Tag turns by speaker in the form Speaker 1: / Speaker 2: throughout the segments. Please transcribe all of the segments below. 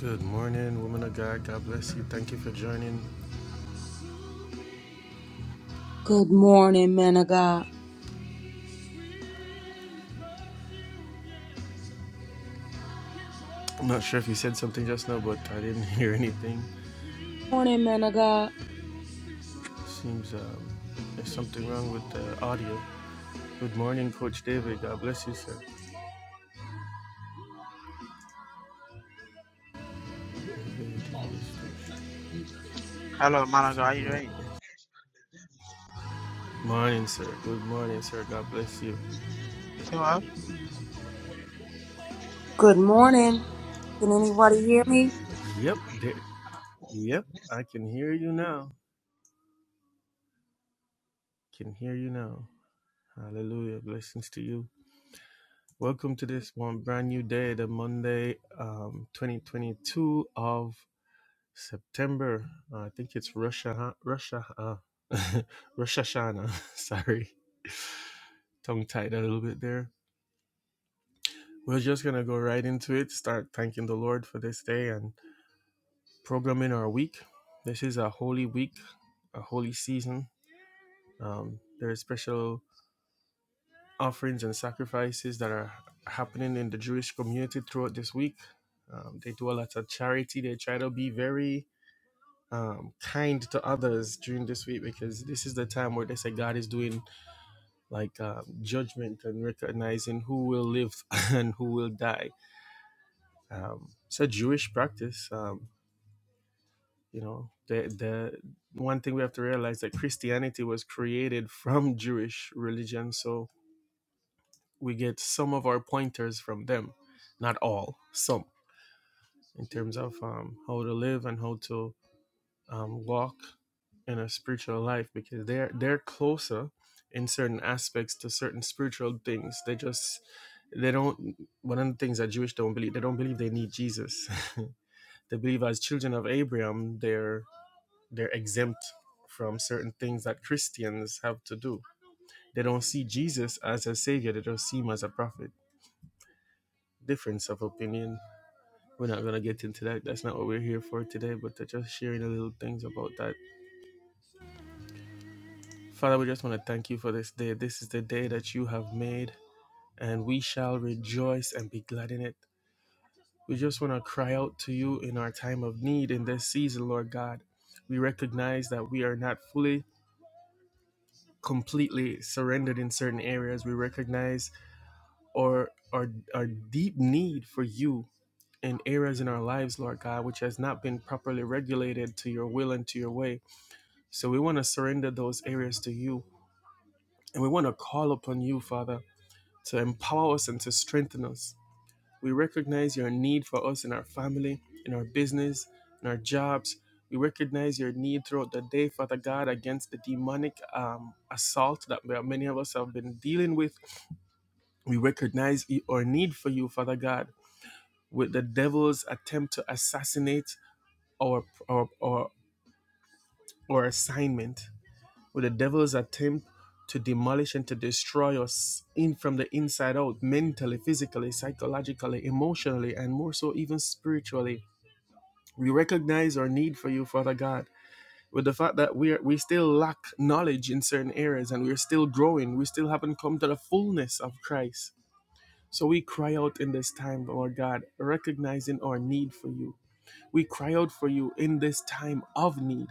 Speaker 1: Good morning, woman of God. God bless you. Thank you for joining.
Speaker 2: Good morning, man of God.
Speaker 1: I'm not sure if you said something just now, but I didn't hear anything.
Speaker 2: Morning, man of God.
Speaker 1: Seems um, there's something wrong with the audio. Good morning, Coach David. God bless you, sir.
Speaker 3: Hello, man of God. How you doing?
Speaker 1: Morning, sir. Good morning, sir. God bless you.
Speaker 3: You
Speaker 2: Good morning. Can anybody hear me?
Speaker 1: Yep,
Speaker 3: feel
Speaker 1: there,
Speaker 3: well?
Speaker 1: yep. I can hear you now. Can hear you now. Hallelujah. Blessings to you. Welcome to this one brand new day, the Monday, um, 2022 of September. Uh, I think it's Rosh Hashanah. Rosh Hashanah. Uh, Rosh Hashanah. Sorry, tongue tied a little bit there. We're just gonna go right into it. Start thanking the Lord for this day and programming our week. This is a holy week, a holy season. Um, there are special offerings and sacrifices that are happening in the Jewish community throughout this week. Um, they do a lot of charity. They try to be very um, kind to others during this week because this is the time where they say God is doing like um, judgment and recognizing who will live and who will die. Um, it's a Jewish practice. Um, you know, the the one thing we have to realize that Christianity was created from Jewish religion, so we get some of our pointers from them, not all, some in terms of um, how to live and how to um, walk in a spiritual life because they're they're closer in certain aspects to certain spiritual things. They just they don't one of the things that Jewish don't believe, they don't believe they need Jesus. they believe as children of Abraham, they're they're exempt from certain things that Christians have to do. They don't see Jesus as a savior, they don't see him as a prophet. Difference of opinion. We're not gonna get into that. That's not what we're here for today, but they're just sharing a little things about that Father, we just want to thank you for this day. This is the day that you have made, and we shall rejoice and be glad in it. We just want to cry out to you in our time of need in this season, Lord God. We recognize that we are not fully, completely surrendered in certain areas. We recognize our, our, our deep need for you in areas in our lives, Lord God, which has not been properly regulated to your will and to your way. So we want to surrender those areas to you, and we want to call upon you, Father. to empower us and to strengthen us. We recognize your need for us in our family, in our business, in our jobs. We recognize your need throughout the day, Father God, against the demonic um, assault that many of us have been dealing with. We recognize our need for you, Father God, with the devil's attempt to assassinate our our our, our assignment. with the devil's attempt to demolish and to destroy us in from the inside out, mentally, physically, psychologically, emotionally, and more so even spiritually. We recognize our need for you, Father God, with the fact that we are, we still lack knowledge in certain areas and we're still growing. We still haven't come to the fullness of Christ. So we cry out in this time, Lord God, recognizing our need for you. We cry out for you in this time of need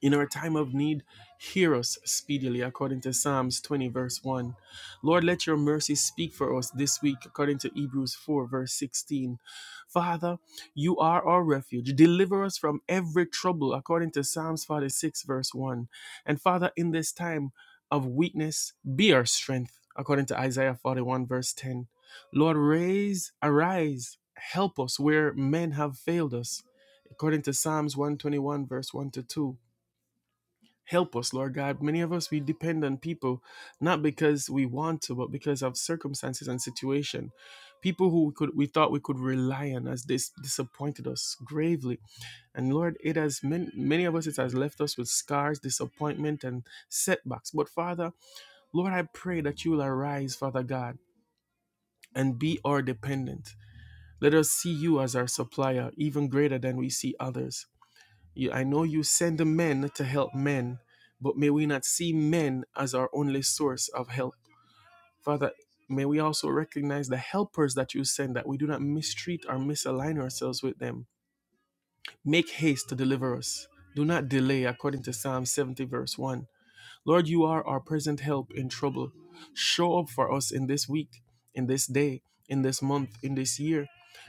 Speaker 1: in our time of need, hear us speedily, according to Psalms 20, verse 1. Lord, let your mercy speak for us this week, according to Hebrews 4, verse 16. Father, you are our refuge. Deliver us from every trouble, according to Psalms 46, verse 1. And Father, in this time of weakness, be our strength, according to Isaiah 41, verse 10. Lord, raise, arise, help us where men have failed us, according to Psalms 121, verse 1 to 2. Help us, Lord God. Many of us, we depend on people, not because we want to, but because of circumstances and situation. People who we could we thought we could rely on has dis- disappointed us gravely. And Lord, it has many, many of us, it has left us with scars, disappointment, and setbacks. But Father, Lord, I pray that you will arise, Father God, and be our dependent. Let us see you as our supplier, even greater than we see others. You, I know you send men to help men, but may we not see men as our only source of help. Father, may we also recognize the helpers that you send, that we do not mistreat or misalign ourselves with them. Make haste to deliver us. Do not delay, according to Psalm 70, verse 1. Lord, you are our present help in trouble. Show up for us in this week, in this day, in this month, in this year.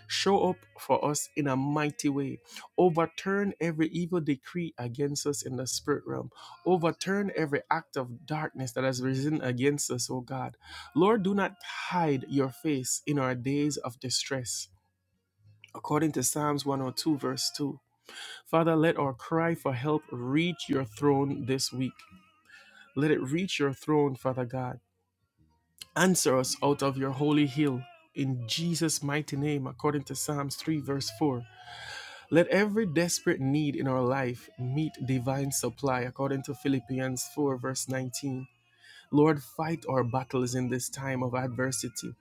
Speaker 1: Show up for us in a mighty way. Overturn every evil decree against us in the spirit realm. Overturn every act of darkness that has risen against us, O God. Lord, do not hide your face in our days of distress. According to Psalms 102, verse 2. Father, let our cry for help reach your throne this week. Let it reach your throne, Father God. Answer us out of your holy hill. In Jesus' mighty name, according to Psalms 3, verse 4. Let every desperate need in our life meet divine supply, according to Philippians 4, verse 19. Lord, fight our battles in this time of adversity.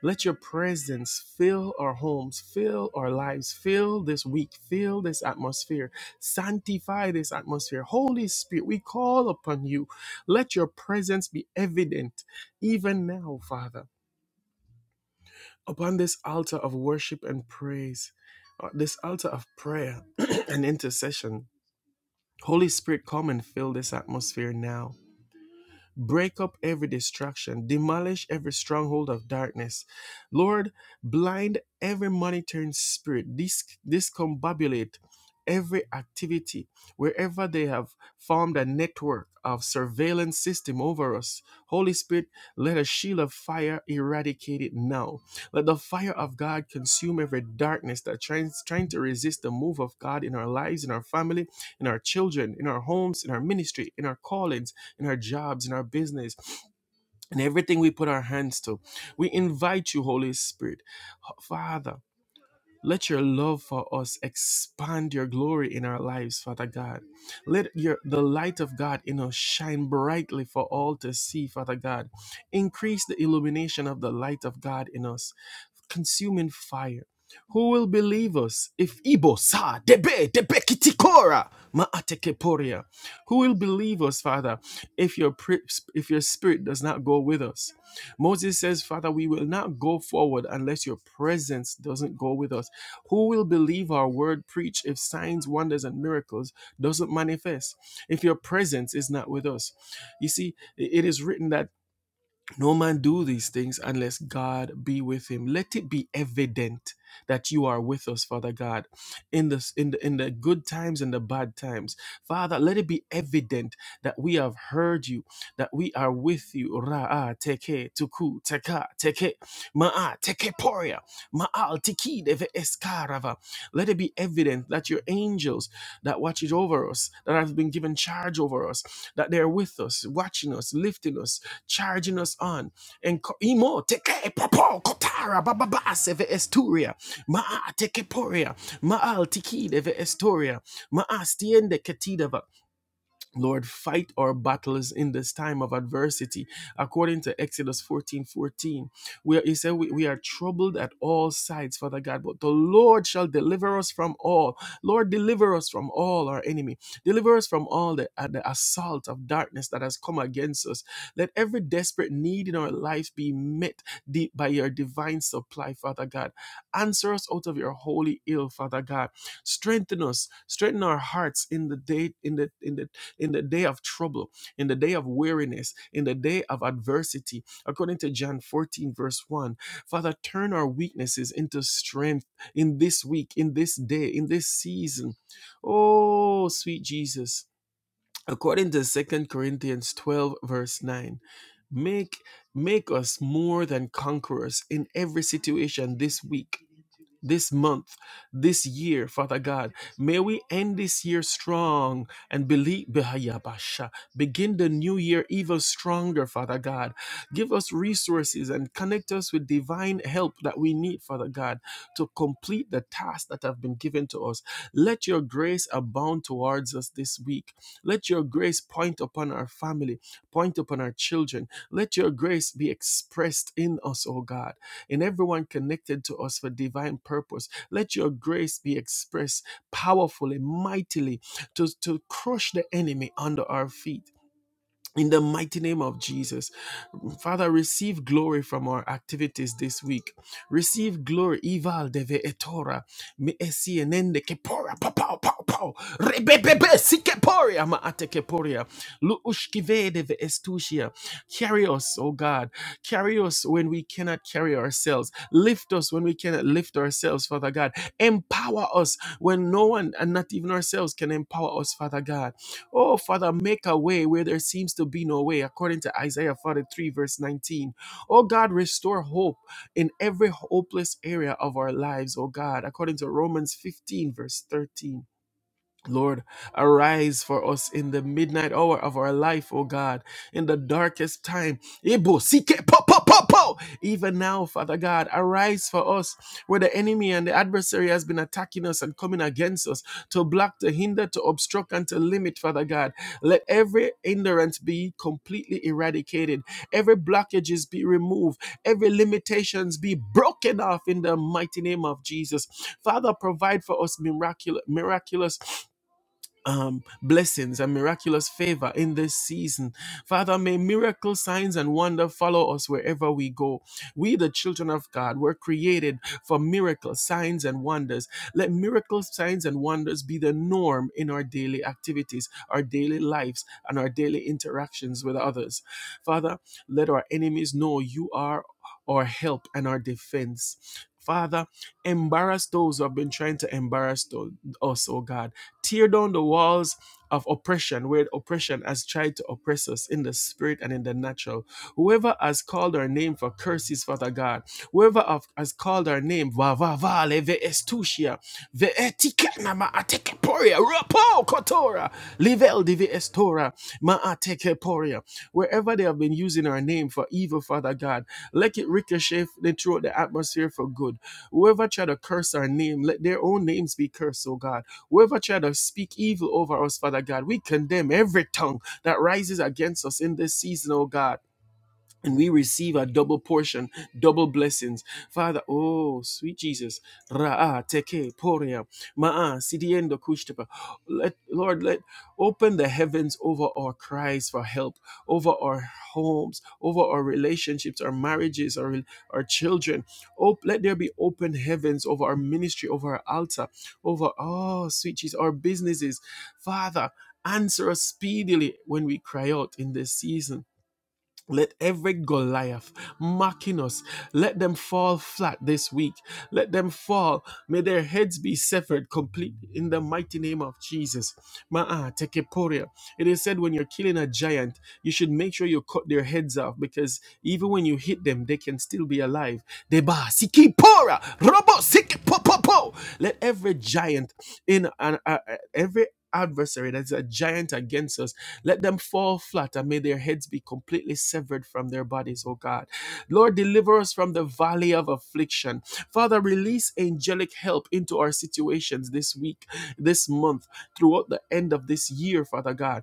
Speaker 1: Let your presence fill our homes, fill our lives, fill this week, fill this atmosphere, sanctify this atmosphere. Holy Spirit, we call upon you. Let your presence be evident even now, Father, upon this altar of worship and praise, uh, this altar of prayer and intercession. Holy Spirit, come and fill this atmosphere now. Break up every distraction, demolish every stronghold of darkness. Lord, blind every monitoring spirit, Dis- discombobulate every activity wherever they have formed a network of surveillance system over us. Holy Spirit, let a shield of fire eradicate it now. Let the fire of God consume every darkness that tries trying to resist the move of God in our lives, in our family, in our children, in our homes, in our ministry, in our callings in our jobs, in our business, and everything we put our hands to. We invite you, Holy Spirit. Father, let your love for us expand your glory in our lives, Father God. Let your the light of God in us shine brightly for all to see, Father God. Increase the illumination of the light of God in us consuming fire. Who will believe us if Ibo sa debe debe kitikora maatekeporia? Who will believe us, Father, if your pri- if your spirit does not go with us? Moses says, Father, we will not go forward unless your presence doesn't go with us. Who will believe our word preached if signs, wonders, and miracles doesn't manifest? If your presence is not with us, you see, it is written that no man do these things unless God be with him. Let it be evident that you are with us, Father God, in the in the in the good times and the bad times. Father, let it be evident that we have heard you, that we are with you. Ra'a teke tuku teka teke ma'a teke poria ma'al tiki deve eskarava. Let it be evident that your angels that watches over us, that have been given charge over us, that they're with us, watching us, lifting us, charging us on. And imo teke popo kotara bababa seve esturia ma teke poria ma al tikide ve esturia ma astiende ketida Lord, fight our battles in this time of adversity. According to Exodus 14 14. Where he said, we, we are troubled at all sides, Father God, but the Lord shall deliver us from all. Lord, deliver us from all our enemy. Deliver us from all the, uh, the assault of darkness that has come against us. Let every desperate need in our life be met de- by your divine supply, Father God. Answer us out of your holy ill, Father God strengthen us strengthen our hearts in the day in the in the in the day of trouble, in the day of weariness, in the day of adversity. According to John 14, verse 1, Father, turn our weaknesses into strength in this week, in this day, in this season. Oh, sweet Jesus. According to Second Corinthians 12, verse 9, make make us more than conquerors in every situation this week this month, this year, Father God. May we end this year strong and believe Behayabasha. Begin the new year even stronger, Father God. Give us resources and connect us with divine help that we need, Father God, to complete the tasks that have been given to us. Let your grace abound towards us this week. Let your grace point upon our family, point upon our children. Let your grace be expressed in us, O God and everyone connected to us for divine purpose. Let your grace be expressed powerfully, mightily, to, to crush the enemy under our feet in the mighty name of Jesus. Father, receive glory from our activities this week. Receive glory. Ival deve etora. Me esi enende kepora. Pa, pow, pow, pow. Rebebebe si keporia. Ma ate keporia. Lu ushkive deve estusia. Carry us, oh God. Carry us when we cannot carry ourselves. Lift us when we cannot lift ourselves, Father God. Empower us when no one and not even ourselves can empower us, Father God. Oh, Father, make a way where there seems to be no way, according to Isaiah 43, verse 19. Oh, God, restore hope in every hopeless area of our lives, oh God, according to Romans 15, verse 13. Lord, arise for us in the midnight hour of our life, O God, in the darkest time. Ibo, sike, po, po, po, po. Even now, Father God, arise for us where the enemy and the adversary has been attacking us and coming against us to block, to hinder, to obstruct, and to limit, Father God. Let every hindrance be completely eradicated, every blockages be removed, every limitations be broken off in the mighty name of Jesus. Father, provide for us miraculous, miraculous um, blessings and miraculous favor in this season. Father, may miracle signs and wonder follow us wherever we go. We, the children of God, were created for miracles, signs, and wonders. Let miracles, signs, and wonders be the norm in our daily activities, our daily lives, and our daily interactions with others. Father, let our enemies know you are our help and our defense. Father, embarrass those who have been trying to embarrass tho- us, oh God Tear down the walls of oppression where oppression has tried to oppress us in the spirit and in the natural. Whoever has called our name for curses, Father God, whoever of- has called our name, va va va le ve estusia, ve etikana ma ateke rapo kotora, livel divi estora, ma ateke Wherever they have been using our name for evil, Father God, let it ricochet throughout the atmosphere for good. Whoever try to curse our name, let their own names be cursed, oh God. Whoever try to speak evil over us, Father God, we condemn every tongue that rises against us in this season, oh God and we receive a double portion, double blessings. Father, oh, sweet Jesus. Ra'a, teke, poria, ma'a, sidiendo, kushtepa. Let, Lord, let open the heavens over our cries for help, over our homes, over our relationships, our marriages, our, our children. Op- let there be open heavens over our ministry, over our altar, over, oh, sweet Jesus, our businesses. Father, answer us speedily when we cry out in this season. Let every Goliath mocking us, let them fall flat this week. Let them fall. May their heads be severed completely in the mighty name of Jesus. Ma'a tekeporia. It is said when you're killing a giant, you should make sure you cut their heads off because even when you hit them, they can still be alive. Deba sikipora, robo po. Let every giant in an uh, uh, every adversary that's a giant against us let them fall flat and may their heads be completely severed from their bodies oh god lord deliver us from the valley of affliction father release angelic help into our situations this week this month throughout the end of this year father god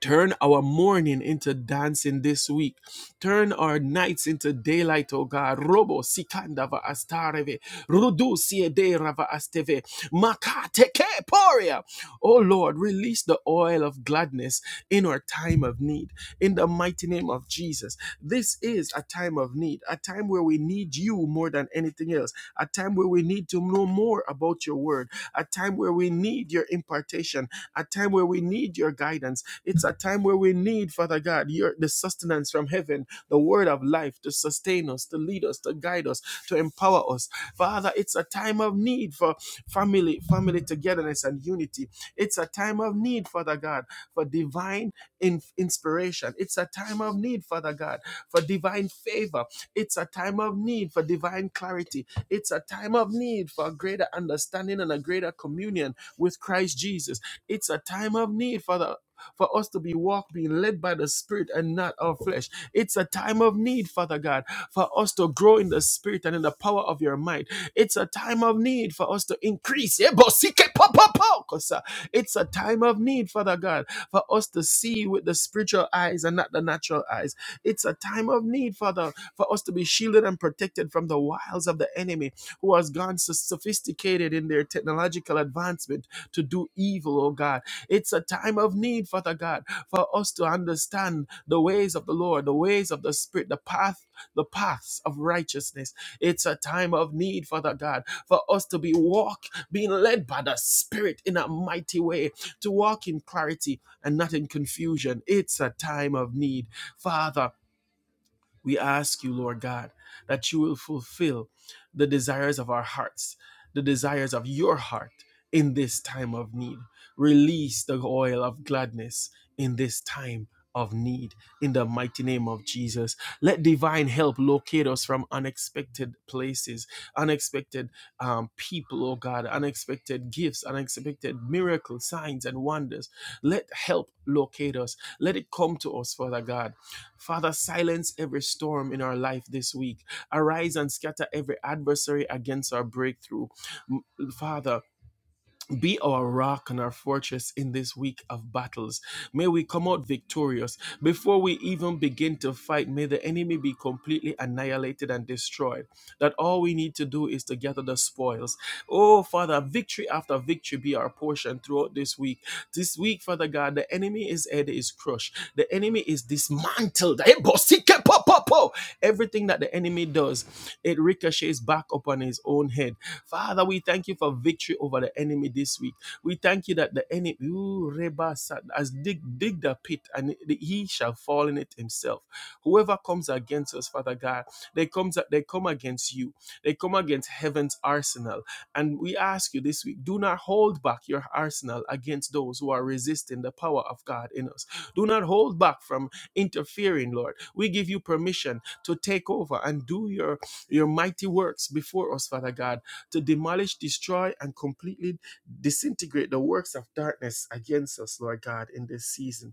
Speaker 1: Turn our mourning into dancing this week. Turn our nights into daylight, O God. Robo sikandava astareve. Rudu siede rava asteve. Makate ke poria. O Lord, release the oil of gladness in our time of need. In the mighty name of Jesus. This is a time of need, a time where we need you more than anything else, a time where we need to know more about your word, a time where we need your impartation a time where we need your guidance. It's a time where we need, Father God, your the sustenance from heaven, the word of life to sustain us, to lead us, to guide us, to empower us. Father, it's a time of need for family, family togetherness and unity. It's a time of need, Father God, for divine in inspiration. It's a time of need, Father God, for divine favor. It's a time of need for divine clarity. It's a time of need for a greater understanding and a greater communion with Christ Jesus. It's a time of need, Father for us to be walk, being led by the Spirit and not our flesh. It's a time of need, Father God, for us to grow in the Spirit and in the power of your might. It's a time of need for us to increase. Ebosikepopopokosa. It's a time of need, Father God, for us to see with the spiritual eyes and not the natural eyes. It's a time of need, Father, for us to be shielded and protected from the wiles of the enemy who has gone so sophisticated in their technological advancement to do evil, oh God. It's a time of need, Father God, for us to understand the ways of the Lord, the ways of the Spirit, the path, the paths of righteousness. It's a time of need, Father God, for us to be walk, being led by the Spirit in a mighty way, to walk in clarity and not in confusion. It's a time of need, Father. We ask you, Lord God, that you will fulfill the desires of our hearts, the desires of your heart in this time of need. Release the oil of gladness in this time of need in the mighty name of Jesus. Let divine help locate us from unexpected places, unexpected um, people, oh God, unexpected gifts, unexpected miracles, signs, and wonders. Let help locate us. Let it come to us, Father God Father, silence every storm in our life this week. Arise and scatter every adversary against our breakthrough. Father, be our rock and our fortress in this week of battles. May we come out victorious. Before we even begin to fight, may the enemy be completely annihilated and destroyed. That all we need to do is to gather the spoils. Oh, Father, victory after victory be our portion throughout this week. This week, Father God, the enemy is head is crushed. The enemy is dismantled. Eh, Everything that the enemy does, it ricochets back upon his own head. Father, we thank you for victory over the enemy this week. We thank you that the enemy, ooh, Reba Sa- has dig, dig the pit and he shall fall in it himself. Whoever comes against us, Father God, they comes they come against you. They come against heaven's arsenal. And we ask you this week, do not hold back your arsenal against those who are resisting the power of God in us. Do not hold back from interfering, Lord. We give you permission to take over and do your your mighty works before us, Father God to demolish, destroy, and completely disintegrate the works of darkness against us, Lord God, in this season.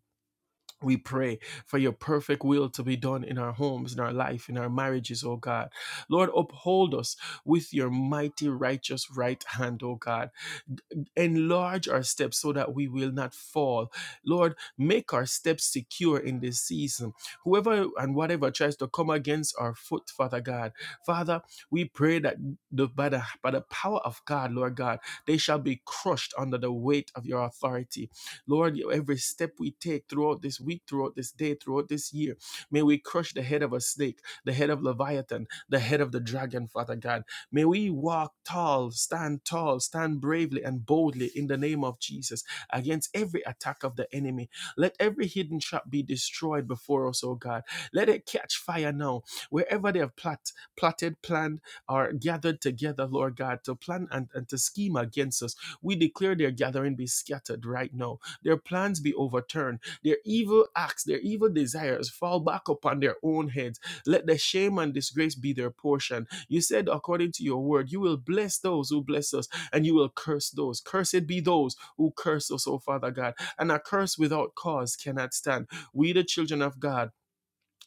Speaker 1: We pray for your perfect will to be done in our homes, in our life, in our marriages, O God. Lord, uphold us with your mighty righteous right hand, O God. Enlarge our steps so that we will not fall. Lord, make our steps secure in this season. Whoever and whatever tries to come against our foot, Father God, Father, we pray that the, by, the, by the power of God, Lord God, they shall be crushed under the weight of your authority Lord, every step we take throughout this week, throughout this day, throughout this year, may we crush the head of a snake, the head of Leviathan, the head of the dragon, Father God. May we walk tall, stand tall, stand bravely and boldly in the name of Jesus against every attack of the enemy. Let every hidden trap be destroyed before us, oh God. Let it catch fire now. Wherever they have plot, plotted, planned, or gathered together, Lord God, to plan and, and to scheme against us, we declare their gathering be scattered right now their plans be overturned, their evil acts, their evil desires fall back upon their own heads. Let the shame and disgrace be their portion. You said, according to your word, you will bless those who bless us, and you will curse those. Cursed be those who curse us, O Father God. And a curse without cause cannot stand. We, the children of God,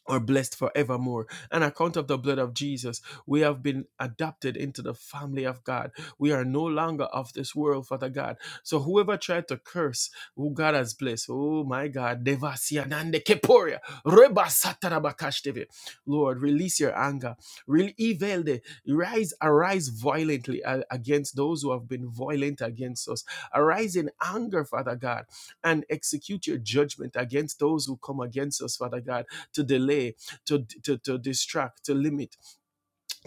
Speaker 1: are blessed forevermore. On account of the blood of Jesus, we have been adopted into the family of God. We are no longer of this world, Father God. So whoever tried to curse, who God has blessed, oh my God, Devasyanande Keporia, Reba Satarabakashteve. Lord, release your anger. Re- Evelde, rise, arise violently a- against those who have been violent against us. Arise in anger, Father God, and execute your judgment against those who come against us, Father God to delay, to, to, to distract, to limit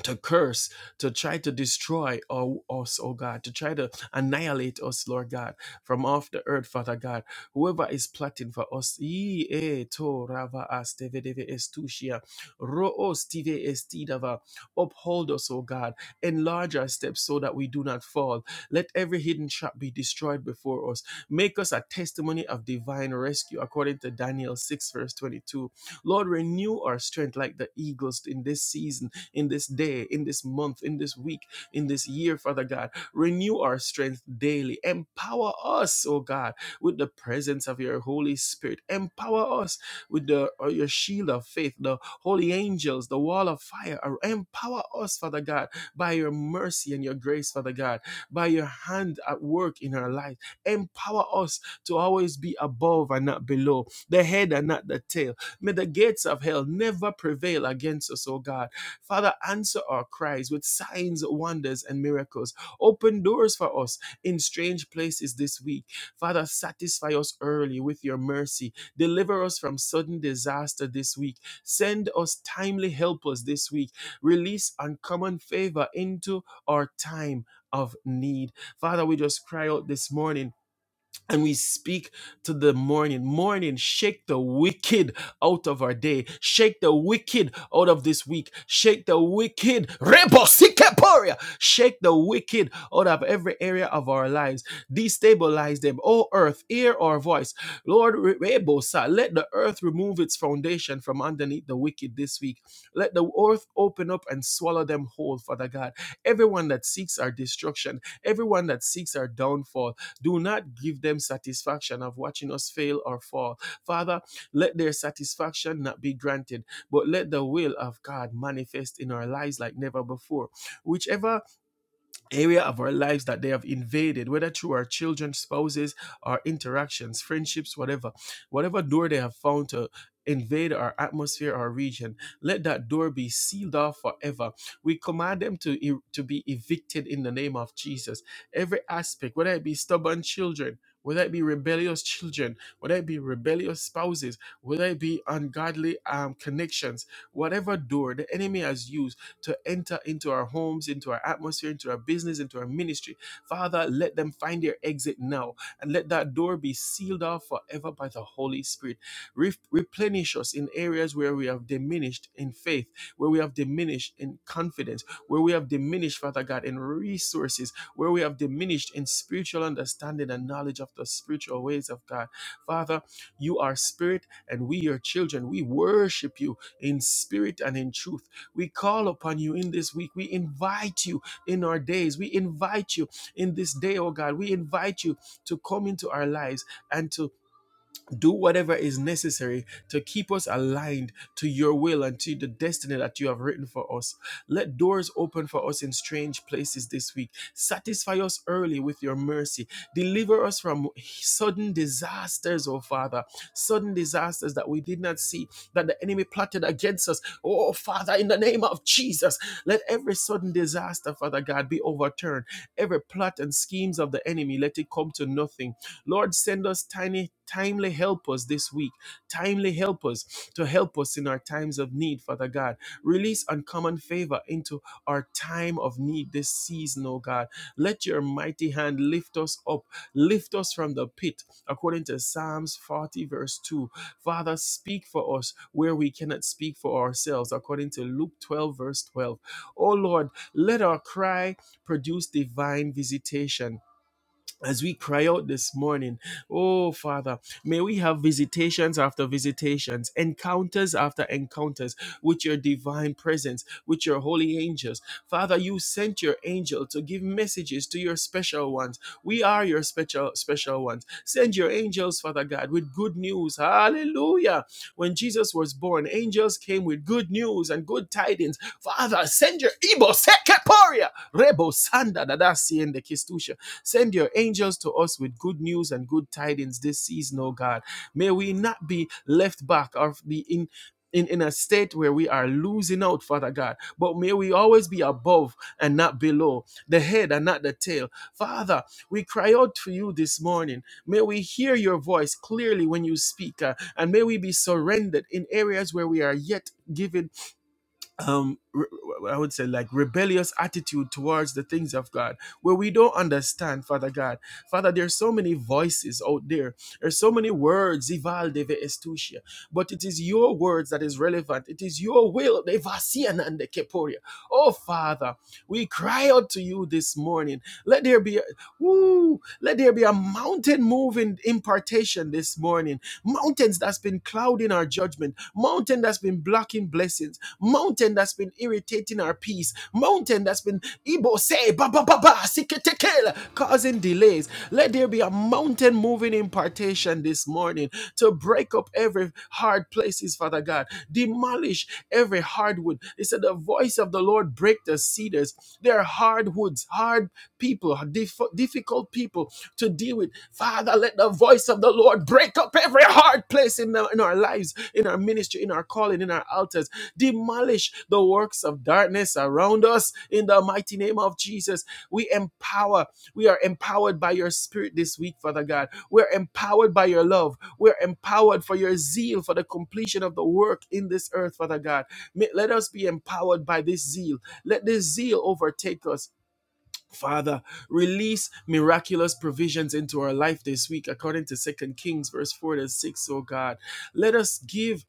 Speaker 1: to curse, to try to destroy oh, us, oh God, to try to annihilate us, Lord God, from off the earth, Father God. Whoever is plotting for us, yee, eh, to, rava, as, teve, deve, estusia, ro, os, tive, estidava. uphold us, O God, enlarge our steps so that we do not fall. Let every hidden trap be destroyed before us. Make us a testimony of divine rescue, according to Daniel 6, verse 22. Lord, renew our strength like the eagles in this season in this day, in this month, in this week, in this year, Father God. Renew our strength daily. Empower us, oh God, with the presence of your Holy Spirit. Empower us with the or your shield of faith, the holy angels, the wall of fire. Ar- Empower us, Father God, by your mercy and your grace, Father God, by your hand at work in our life. Empower us to always be above and not below, the head and not the tail. May the gates of hell never prevail against us, O God. Father, answer our cries with signs, wonders, and miracles. Open doors for us in strange places this week. Father, satisfy us early with your mercy. Deliver us from sudden disaster this week. Send us timely helpers this week. Release uncommon favor into our time of need. Father, we just cry out this morning and we speak to the morning. Morning, shake the wicked out of our day. Shake the wicked out of this week. Shake the wicked. Rebo Sikeporia. Shake the wicked out of every area of our lives. Destabilize them. O earth, hear our voice. Lord, re- rebosa, let the earth remove its foundation from underneath the wicked this week. Let the earth open up and swallow them whole, Father God. Everyone that seeks our destruction, everyone that seeks our downfall, do not give them satisfaction of watching us fail or fall. Father, let their satisfaction not be granted, but let the will of God manifest in our lives like never before. Whichever area of our lives that they have invaded, whether through our children, spouses, our interactions, friendships, whatever, whatever door they have found to invade our atmosphere, our region, let that door be sealed off forever. We command them to, e- to be evicted in the name of Jesus. Every aspect, whether it be stubborn children, whether it be rebellious children, whether it be rebellious spouses, whether it be ungodly um, connections, whatever door the enemy has used to enter into our homes, into our atmosphere, into our business, into our ministry. Father, let them find their exit now and let that door be sealed off forever by the Holy Spirit. Re- replenish us in areas where we have diminished in faith, where we have diminished in confidence, where we have diminished, Father God, in resources, where we have diminished in spiritual understanding and knowledge of the spiritual ways of God. Father, you are spirit and we, your children, we worship you in spirit and in truth. We call upon you in this week. We invite you in our days. We invite you in this day, oh God. We invite you to come into our lives and to do whatever is necessary to keep us aligned to your will and to the destiny that you have written for us. Let doors open for us in strange places this week. Satisfy us early with your mercy. Deliver us from sudden disasters, oh Father. Sudden disasters that we did not see, that the enemy plotted against us. Oh Father, in the name of Jesus, let every sudden disaster, Father God, be overturned. Every plot and schemes of the enemy, let it come to nothing Lord, send us tiny, timely helpers this week, timely helpers to help us in our times of need, Father God. Release uncommon favor into our time of need this season, oh God. Let your mighty hand lift us up, lift us from the pit, according to Psalms 40, verse 2. Father, speak for us where we cannot speak for ourselves, according to Luke 12, verse 12. Oh Lord, let our cry produce divine visitation as we cry out this morning, oh Father, may we have visitations after visitations, encounters after encounters with your divine presence, with your holy angels. Father, you sent your angel to give messages to your special ones. We are your special special ones. Send your angels, Father God, with good news. Hallelujah. When Jesus was born, angels came with good news and good tidings. Father, send your Ibo Sekeporia. Rebo Sanda Dadasi and the Kistushas. Send your angels to us with good news and good tidings this season, oh God. May we not be left back or be in. In, in a state where we are losing out, Father God. But may we always be above and not below, the head and not the tail. Father, we cry out to you this morning. May we hear your voice clearly when you speak, uh, and may we be surrendered in areas where we are yet given um re- i would say like rebellious attitude towards the things of god where we don't understand father god father there's so many voices out there there's so many words Ivalde ve estusia but it is your words that is relevant. It is your will. The Vasian and the Keporia. Oh, Father, we cry out to you this morning. Let there be a, woo, let there be a mountain moving impartation this morning. Mountains that's been clouding our judgment. Mountain that's been blocking blessings. Mountain that's been irritating our peace. Mountain that's been Ibo say causing delays. Let there be a mountain moving impartation this morning to break up every hard places, Father God. Demolish every hardwood. He said, The voice of the Lord break the cedars. their hardwoods, hard people, dif- difficult people to deal with. Father, let the voice of the Lord break up every hard place in, the, in our lives, in our ministry, in our calling, in our altars. Demolish the works of darkness around us in the mighty name of Jesus. We empower, we are empowered by your spirit this week, Father God. We're empowered by your love. We're empowered for your zeal for the completion of the work in this earth, Father God. May- let us be empowered by this zeal. Let this zeal overtake us Father, release miraculous provisions into our life this week, according to Second Kings, verse 4 to 6, oh God. Let us give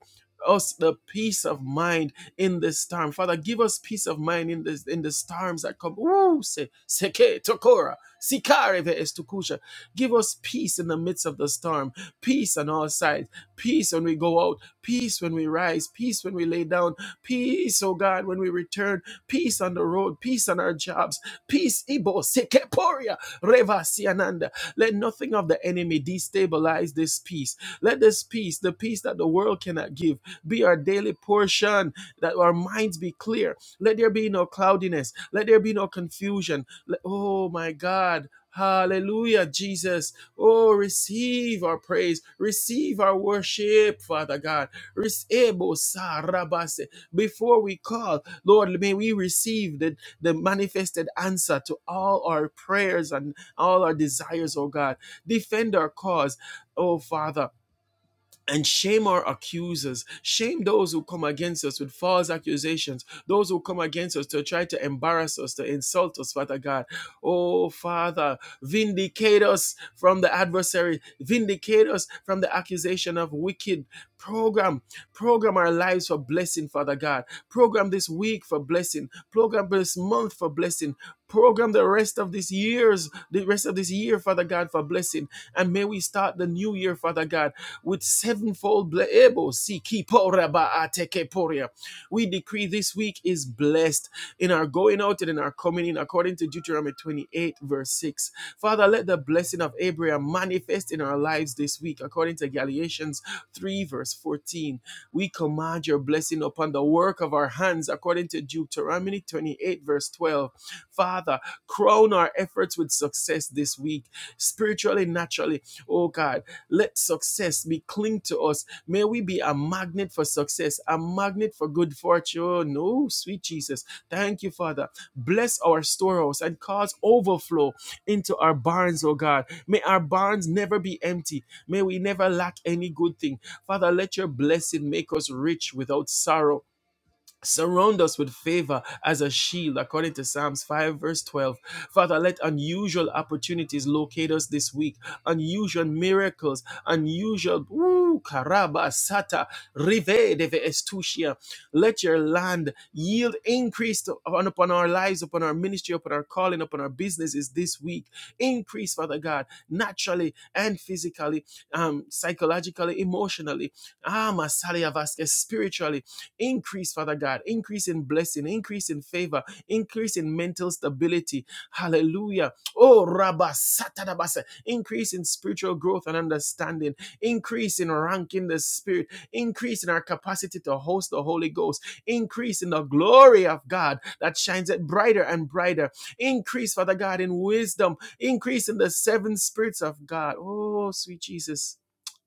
Speaker 1: us the peace of mind in this storm. Father, give us peace of mind in this in the storms that come. Ooh, se, seke tokora, sikareve estukusha. Give us peace in the midst of the storm. Peace on all sides. Peace when we go out. Peace when we rise. Peace when we lay down. Peace, oh God, when we return. Peace on the road. Peace on our jobs Peace, Ibo, Sekeporia, Reva, Siananda. Let nothing of the enemy destabilize this peace. Let this peace, the peace that the world cannot give, be our daily portion, that our minds be clear. Let there be no cloudiness. Let there be no confusion. Let- oh my God. Hallelujah, Jesus. Oh, receive our praise. Receive our worship, Father God. Rece- Ebo sa rabase. Before we call, Lord, may we receive the the manifested answer to all our prayers and all our desires, oh God. Defend our cause, oh Father and shame our accusers shame those who come against us with false accusations those who come against us to try to embarrass us to insult us father god oh father vindicate us from the adversary vindicate us from the accusation of wicked program program our lives for blessing father god program this week for blessing program this month for blessing program the rest of this years the rest of this year father god for blessing and may we start the new year, Father God, with sevenfold blessings. We decree this week is blessed in our going out and in our coming in, according to Deuteronomy 28, verse 6. Father, let the blessing of Abraham manifest in our lives this week, according to Galatians 3, verse 14. We command your blessing upon the work of our hands, according to Deuteronomy 28, verse 12 Father, crown our efforts with success this week, spiritually, naturally. Oh God, let success be cling to us. May we be a magnet for success, a magnet for good fortune. Oh, no, sweet Jesus. Thank you, Father. Bless our storehouse and cause overflow into our barns, oh God. May our barns never be empty. May we never lack any good thing. Father, let your blessing make us rich without sorrow Surround us with favor as a shield, according to Psalms 5, verse 12. Father, let unusual opportunities locate us this week, unusual miracles, unusual, ooh, karaba, sata, rive, deve estusia. Let your land yield increase upon, upon our lives, upon our ministry, upon our calling, upon our businesses this week. Increase, Father God, naturally and physically, um, psychologically, emotionally. Ah, Masalia Vasquez, spiritually Increase, Father God, increase in blessing, increase in favor, increase in mental stability. Hallelujah. Oh, Rabba Satanabasa, increase in spiritual growth and understanding, increase in rank in the spirit, increase in our capacity to host the Holy Ghost, increase in the glory of God that shines it brighter and brighter. Increase, Father God, in wisdom, increase in the seven spirits of God. Oh, sweet Jesus.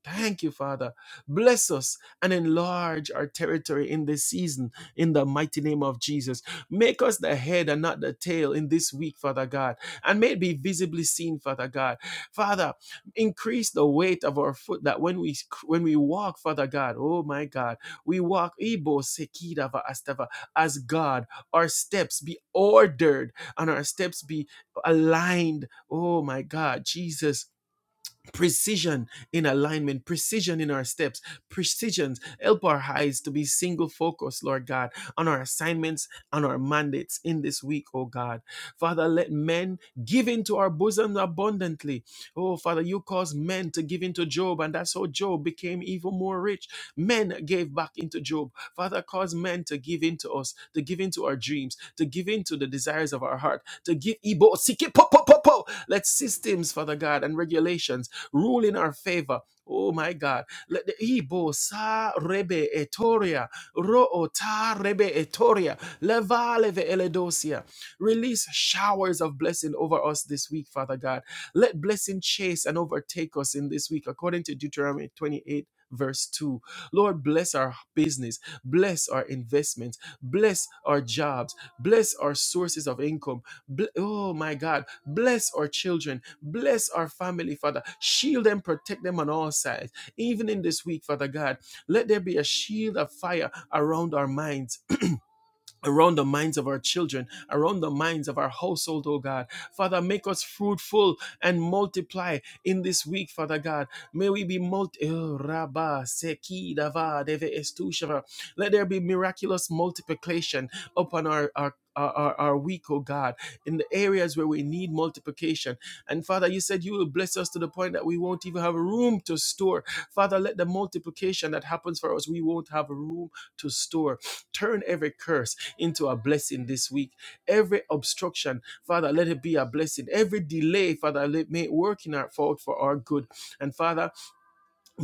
Speaker 1: Thank you, Father. Bless us and enlarge our territory in this season in the mighty name of Jesus. Make us the head and not the tail in this week, Father God, and may it be visibly seen, Father God. Father, increase the weight of our foot that when we when we walk, Father God, oh my God, we walk Ibo Sekidava Astava as God. Our steps be ordered and our steps be aligned. Oh my God, Jesus precision in alignment, precision in our steps, precisions. Help our eyes to be single focused, Lord God, on our assignments, on our mandates in this week, oh God. Father, let men give into our bosom abundantly. Oh, Father, you caused men to give into Job, and that's how Job became even more rich. Men gave back into Job. Father, cause men to give into us, to give into our dreams, to give into the desires of our heart, to give. Ibo, siki, Let systems, Father God, and regulations Rule in our favor. Oh my God. Let the Ibo sa rebe etoria. Ro ota rebe etoria. Leva leve eledosia. Release showers of blessing over us this week, Father God. Let blessing chase and overtake us in this week, according to Deuteronomy 28. Verse 2 Lord, bless our business, bless our investments, bless our jobs, bless our sources of income, Ble- oh my God, bless our children, bless our family, Father. Shield them, protect them on all sides. Even in this week, Father God, let there be a shield of fire around our minds around the minds of our children, around the minds of our household, oh God. Father, make us fruitful and multiply in this week, Father God. May we be multi Oh, Rabba, Seki, Dava, Deve, Estu, let there be miraculous multiplication upon our, our our, our our week, oh God, in the areas where we need multiplication. And Father, you said you will bless us to the point that we won't even have room to store. Father, let the multiplication that happens for us, we won't have room to store. Turn every curse into a blessing this week. Every obstruction, Father, let it be a blessing. Every delay, Father, let may it work in our fault for our good. And Father,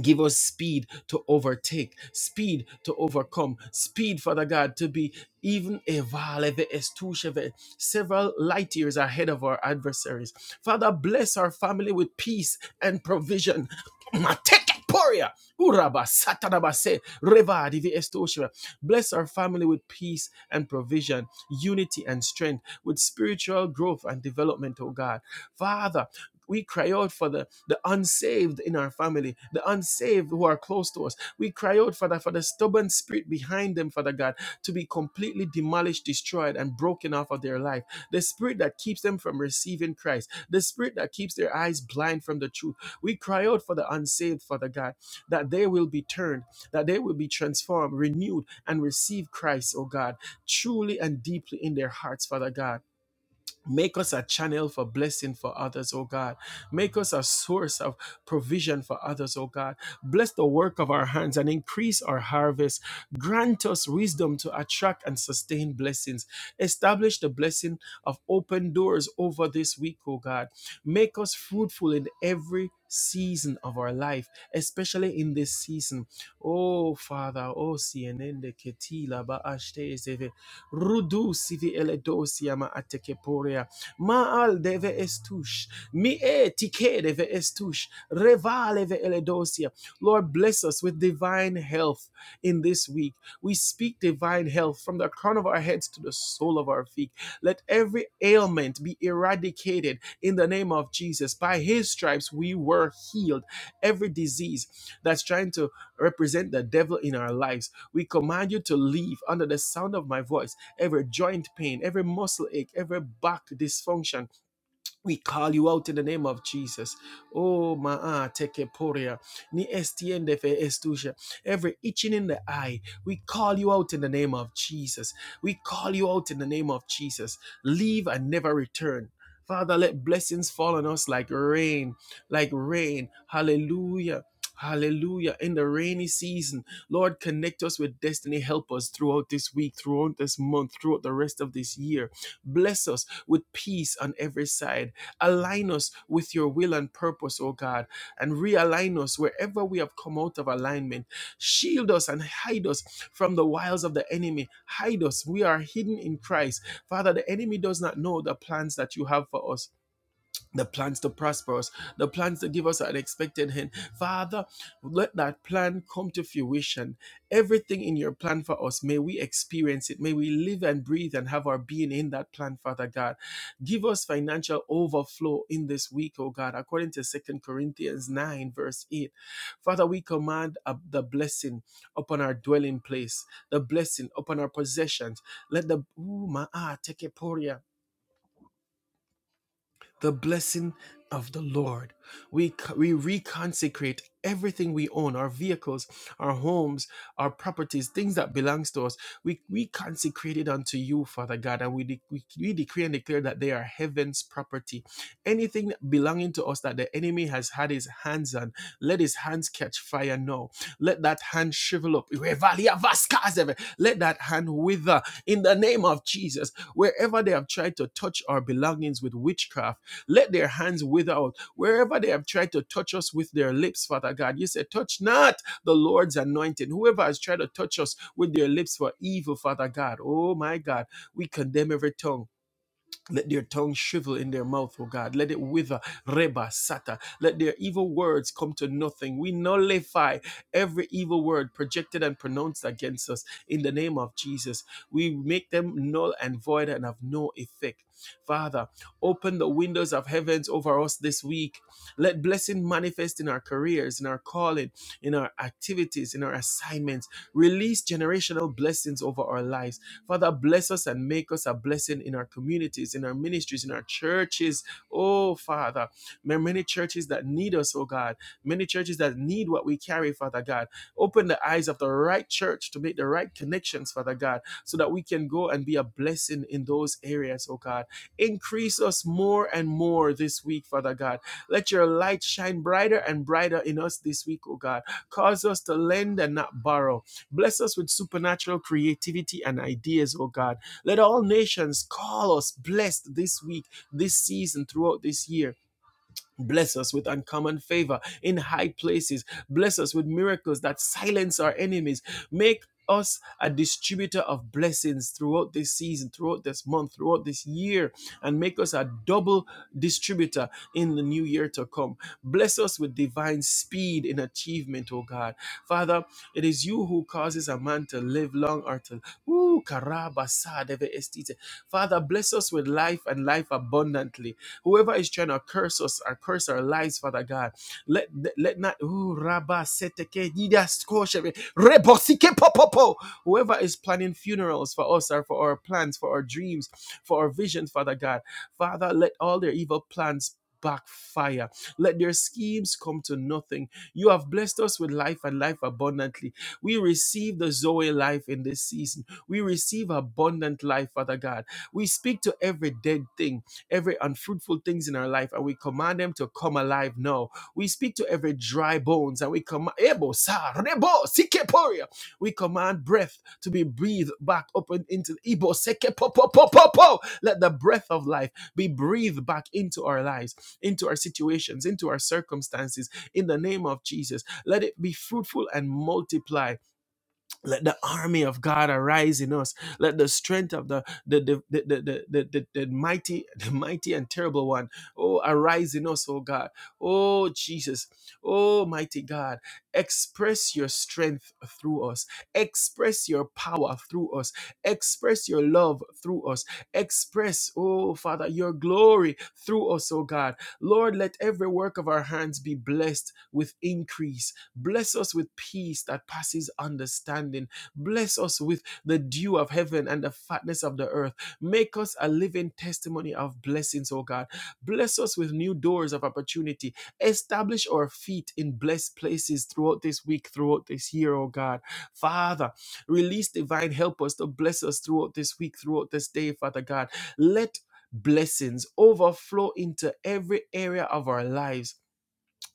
Speaker 1: Give us speed to overtake, speed to overcome, speed, Father God, to be even evaleve estusheve, several light years ahead of our adversaries. Father, bless our family with peace and provision. Mateke poria, uraba satanabase, reva divi estusheve. Bless our family with peace and provision, unity and strength, with spiritual growth and development, O God. Father, we cry out for the, the unsaved in our family, the unsaved who are close to us. We cry out, Father, for the stubborn spirit behind them, Father God, to be completely demolished, destroyed, and broken off of their life. The spirit that keeps them from receiving Christ, the spirit that keeps their eyes blind from the truth. We cry out for the unsaved, Father God, that they will be turned, that they will be transformed, renewed, and receive Christ, oh God, truly and deeply in their hearts, Father God. Make us a channel for blessing for others, oh God. Make us a source of provision for others, oh God. Bless the work of our hands and increase our harvest. Grant us wisdom to attract and sustain blessings. Establish the blessing of open doors over this week, oh God. Make us fruitful in every season of our life, especially in this season. Oh Father, oh CNN, Rudu sivi eledosia ma atekeporia. Maal deve estush. Mi etike deve estush. Revale ve eledosia. Lord, bless us with divine health in this week. We speak divine health from the crown of our heads to the sole of our feet. Let every ailment be eradicated in the name of Jesus. By his stripes, we were healed. Every disease that's trying to represent the devil in our lives, we command you to leave under the sound of my voice every joint pain, every muscle ache, every back dysfunction, we call you out in the name of Jesus. Oh, maa teke poria. Ni estiende fe estusha. Every itching in the eye, we call you out in the name of Jesus. We call you out in the name of Jesus. Leave and never return. Father, let blessings fall on us like rain, like rain. Hallelujah. Hallelujah. In the rainy season, Lord, connect us with destiny. Help us throughout this week, throughout this month, throughout the rest of this year. Bless us with peace on every side Align us with your will and purpose, oh God, and realign us wherever we have come out of alignment. Shield us and hide us from the wiles of the enemy. Hide us. We are hidden in Christ. Father, the enemy does not know the plans that you have for us the plans to prosper us, the plans to give us an expected end. Father, let that plan come to fruition. Everything in your plan for us, may we experience it. May we live and breathe and have our being in that plan, Father God. Give us financial overflow in this week, oh God, according to Second Corinthians 9, verse 8. Father, we command uh, the blessing upon our dwelling place, the blessing upon our possessions. Let the, ooh, my ah, take the blessing of the Lord. We, co- we reconsecrate everything we own, our vehicles, our homes, our properties, things that belongs to us. We, we consecrate it unto you, Father God, and we, de- we, we decree and declare that they are heaven's property. Anything belonging to us that the enemy has had his hands on, let his hands catch fire now. Let that hand shrivel up. Let that hand wither in the name of Jesus. Wherever they have tried to touch our belongings with witchcraft, let their hands wither out. Wherever they have tried to touch us with their lips, Father God, you said, touch not the Lord's anointed. Whoever has tried to touch us with their lips for evil, Father God, oh my God, we condemn every tongue. Let their tongue shrivel in their mouth, O God. Let it wither. Reba, Sata. Let their evil words come to nothing. We nullify every evil word projected and pronounced against us in the name of Jesus. We make them null and void and of no effect. Father, open the windows of heavens over us this week. Let blessing manifest in our careers, in our calling, in our activities, in our assignments. Release generational blessings over our lives Father, bless us and make us a blessing in our communities, in our ministries, in our churches. Oh, Father, there are many churches that need us, oh God. Many churches that need what we carry, Father God. Open the eyes of the right church to make the right connections, Father God, so that we can go and be a blessing in those areas, oh God. Increase us more and more this week, Father God. Let your light shine brighter and brighter in us this week, oh God. Cause us to lend and not borrow Bless us with supernatural creativity and ideas, oh God. Let all nations call us blessed this week, this season, throughout this year Bless us with uncommon favor in high places. Bless us with miracles that silence our enemies. Make us a distributor of blessings throughout this season, throughout this month, throughout this year, and make us a double distributor in the new year to come. Bless us with divine speed in achievement, O God. Father, it is you who causes a man to live long or to. Ooh, karaba sa deve estite. Father, bless us with life and life abundantly. Whoever is trying to curse us or curse our lives, Father God, let let not ooh, Rabba seteke didas koshe, rebo popopo. whoever is planning funerals for us or for our plans, for our dreams, for our visions, Father God, Father, let all their evil plans backfire. Let their schemes come to nothing. You have blessed us with life and life abundantly. We receive the Zoe life in this season. We receive abundant life, Father God. We speak to every dead thing every unfruitful things in our life, and we command them to come alive now. We speak to every dry bones, and we command Ebo sa rebo sikeporia. We command breath to be breathed back up and into Ebo seke po po po po po. Let the breath of life be breathed back into our lives, into our situations, into our circumstances. In the name of Jesus, let it be fruitful and multiply let the army of God arise in us. Let the strength of the the the the, the, the, the, the- mighty, the mighty and terrible one, oh, arise in us, oh God. Oh Jesus, oh mighty God, express your strength through us, express your power through us, express your love through us, express, oh Father, your glory through us, oh God. Lord, let every work of our hands be blessed with increase Bless us with peace that passes understanding. Bless us with the dew of heaven and the fatness of the earth. Make us a living testimony of blessings, O God. Bless us with new doors of opportunity. Establish our feet in blessed places throughout this week, throughout this year, O God. Father, release divine help us to bless us throughout this week, throughout this day, Father God. Let blessings overflow into every area of our lives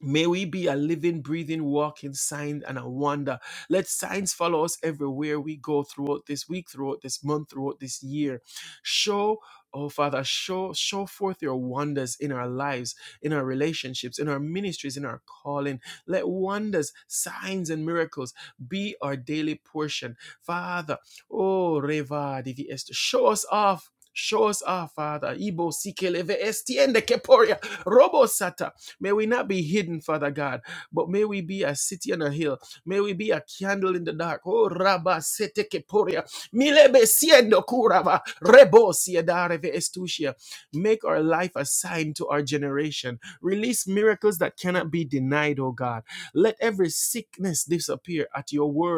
Speaker 1: May we be a living, breathing, walking sign and a wonder. Let signs follow us everywhere we go throughout this week, throughout this month, throughout this year. Show, oh Father, show, show forth your wonders in our lives, in our relationships, in our ministries, in our calling. Let wonders, signs, and miracles be our daily portion. Father, oh Reva Divi Esther, show us off. Show us off, Father. Ibo Sikeleve Estiende Keporia Robo Sata. May we not be hidden, Father God, but may we be a city on a hill. May we be a candle in the dark. Oh, Rabba sete keporia. Milebe siendo kurava. Rebo siedareve estusia. Make our life a sign to our generation. Release miracles that cannot be denied, oh God. Let every sickness disappear at your word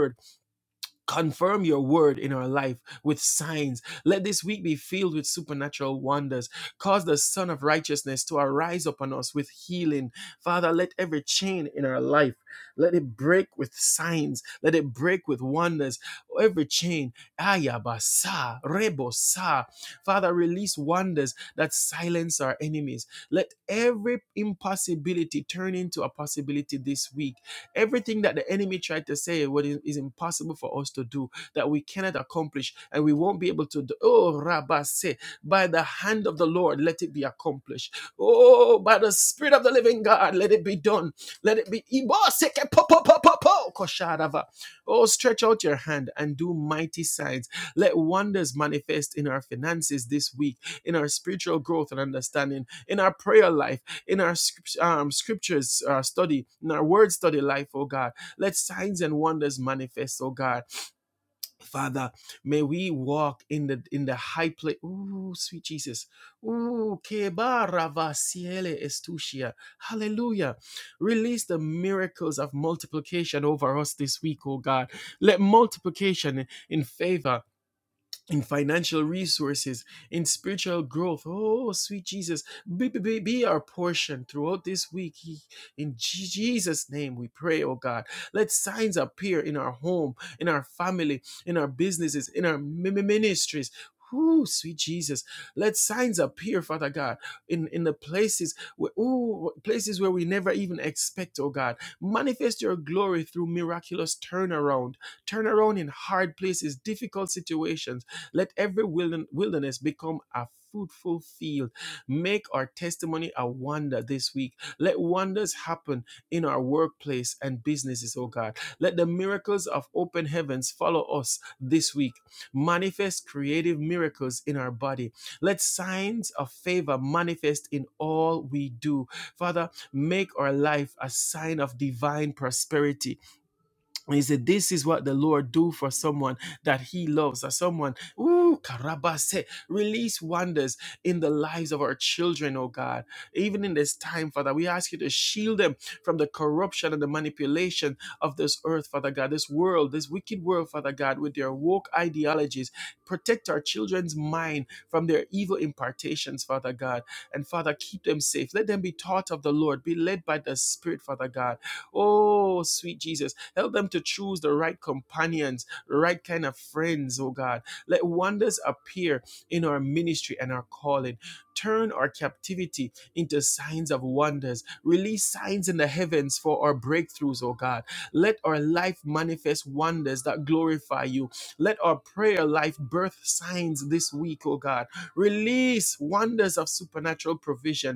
Speaker 1: confirm your word in our life with signs. Let this week be filled with supernatural wonders. Cause the Son of Righteousness to arise upon us with healing. Father, let every chain in our life, let it break with signs. Let it break with wonders. Every chain, ayabasa, rebosa. Father, release wonders that silence our enemies. Let every impossibility turn into a possibility this week Everything that the enemy tried to say what is, is impossible for us to do, that we cannot accomplish, and we won't be able to do. Oh, Rabba say, by the hand of the Lord, let it be accomplished. Oh, by the Spirit of the living God, let it be done. Let it be. Oh, stretch out your hand and do mighty signs. Let wonders manifest in our finances this week, in our spiritual growth and understanding, in our prayer life in our um, scriptures uh, study, in our word study life, oh God. Let signs and wonders manifest, oh God. Father, may we walk in the in the high place. Ooh, sweet Jesus. Ooh, kebaravasiele estusia. Hallelujah. Release the miracles of multiplication over us this week, oh God. Let multiplication in favor in financial resources, in spiritual growth. Oh, sweet Jesus, be, be, be, our portion throughout this week. He- In Je- Jesus' name we pray, oh God. Let signs appear in our home, in our family, in our businesses, in our mi- mi- ministries. Ooh, sweet Jesus. Let signs appear, Father God, in, in the places where ooh, places where we never even expect, oh God. Manifest your glory through miraculous turnaround. Turnaround in hard places, difficult situations let every wilderness become a fruitful field. Make our testimony a wonder this week. Let wonders happen in our workplace and businesses, oh God. Let the miracles of open heavens follow us this week. Manifest creative miracles in our body. Let signs of favor manifest in all we do. Father, make our life a sign of divine prosperity and he said, This is what the Lord do for someone that he loves, or someone, ooh, karabase, release wonders in the lives of our children, oh God. Even in this time, Father, we ask you to shield them from the corruption and the manipulation of this earth, Father God, this world, this wicked world, Father God, with their woke ideologies. Protect our children's mind from their evil impartations, Father God. And Father, keep them safe. Let them be taught of the Lord, be led by the Spirit, Father God Oh, sweet Jesus, help them to choose the right companions, the right kind of friends, oh God. Let wonders appear in our ministry and our calling. Turn our captivity into signs of wonders. Release signs in the heavens for our breakthroughs, oh God. Let our life manifest wonders that glorify you. Let our prayer life birth signs this week, oh God. Release wonders of supernatural provision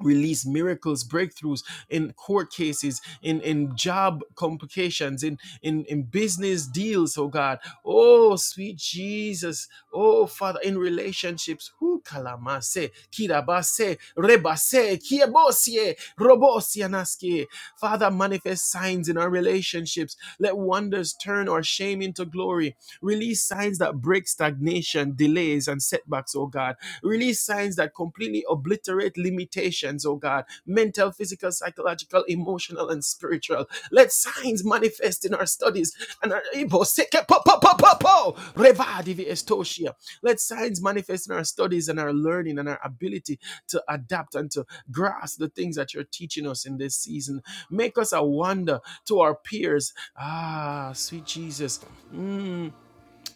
Speaker 1: release miracles breakthroughs in court cases in in job complications in in in business deals oh god oh sweet jesus Oh, Father, in relationships, who kalamase, kirabase, rebase, kiebosie, robosianaski. Father, manifest signs in our relationships. Let wonders turn our shame into glory. Release signs that break stagnation, delays, and setbacks, oh God. Release signs that completely obliterate limitations, oh God. Mental, physical, physical, psychological, emotional, and spiritual. Let signs manifest in our studies and our Ibo seke po po po po po Reva divi estoshia. Let signs manifest in our studies and our learning and our ability to adapt and to grasp the things that you're teaching us in this season. Make us a wonder to our peers. Ah, sweet Jesus. Mm,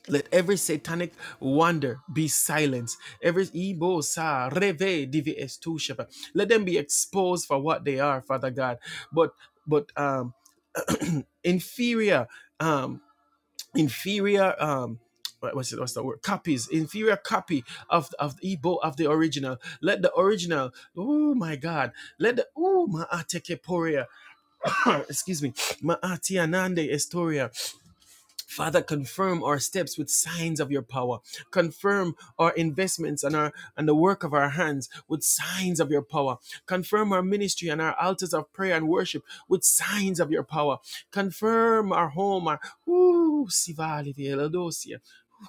Speaker 1: let every satanic wonder be silenced. Every Ibo sa reve divi estu shepa. Let them be exposed for what they are, Father God. But but um inferior um inferior um what- what's it what's the word copies inferior copy of of the Igbo of the original let the original oh my god let the oh ma ateke poria excuse me ma ati anande estoria Father, confirm our steps with signs of your power. Confirm our investments and our and the work of our hands with signs of your power. Confirm our ministry and our altars of prayer and worship with signs of your power. Confirm our home, our ooh, Sivali Velodosia. ooh,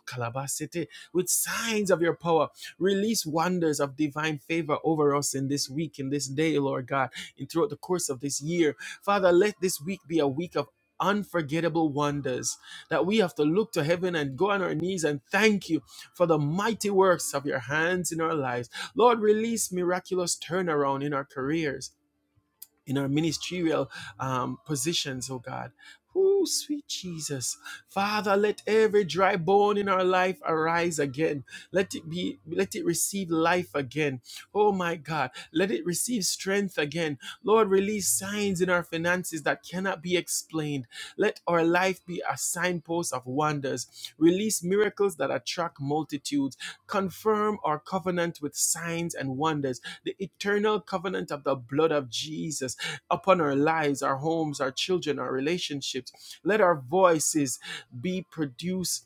Speaker 1: with signs of your power, release wonders of divine favor over us in this week, in this day, Lord God, and throughout the course of this year. Father, let this week be a week of unforgettable wonders that we have to look to heaven and go on our knees and thank you for the mighty works of your hands in our lives. Lord, release miraculous turnaround in our careers in our ministerial um, positions, oh God. Oh, sweet Jesus. Father, let every dry bone in our life arise again. Let it be, let it receive life again. Oh my God. Let it receive strength again. Lord, release signs in our finances that cannot be explained. Let our life be a signpost of wonders. Release miracles that attract multitudes. Confirm our covenant with signs and wonders the eternal covenant of the blood of Jesus upon our lives, our homes, our children, our relationships. Let our voices be produced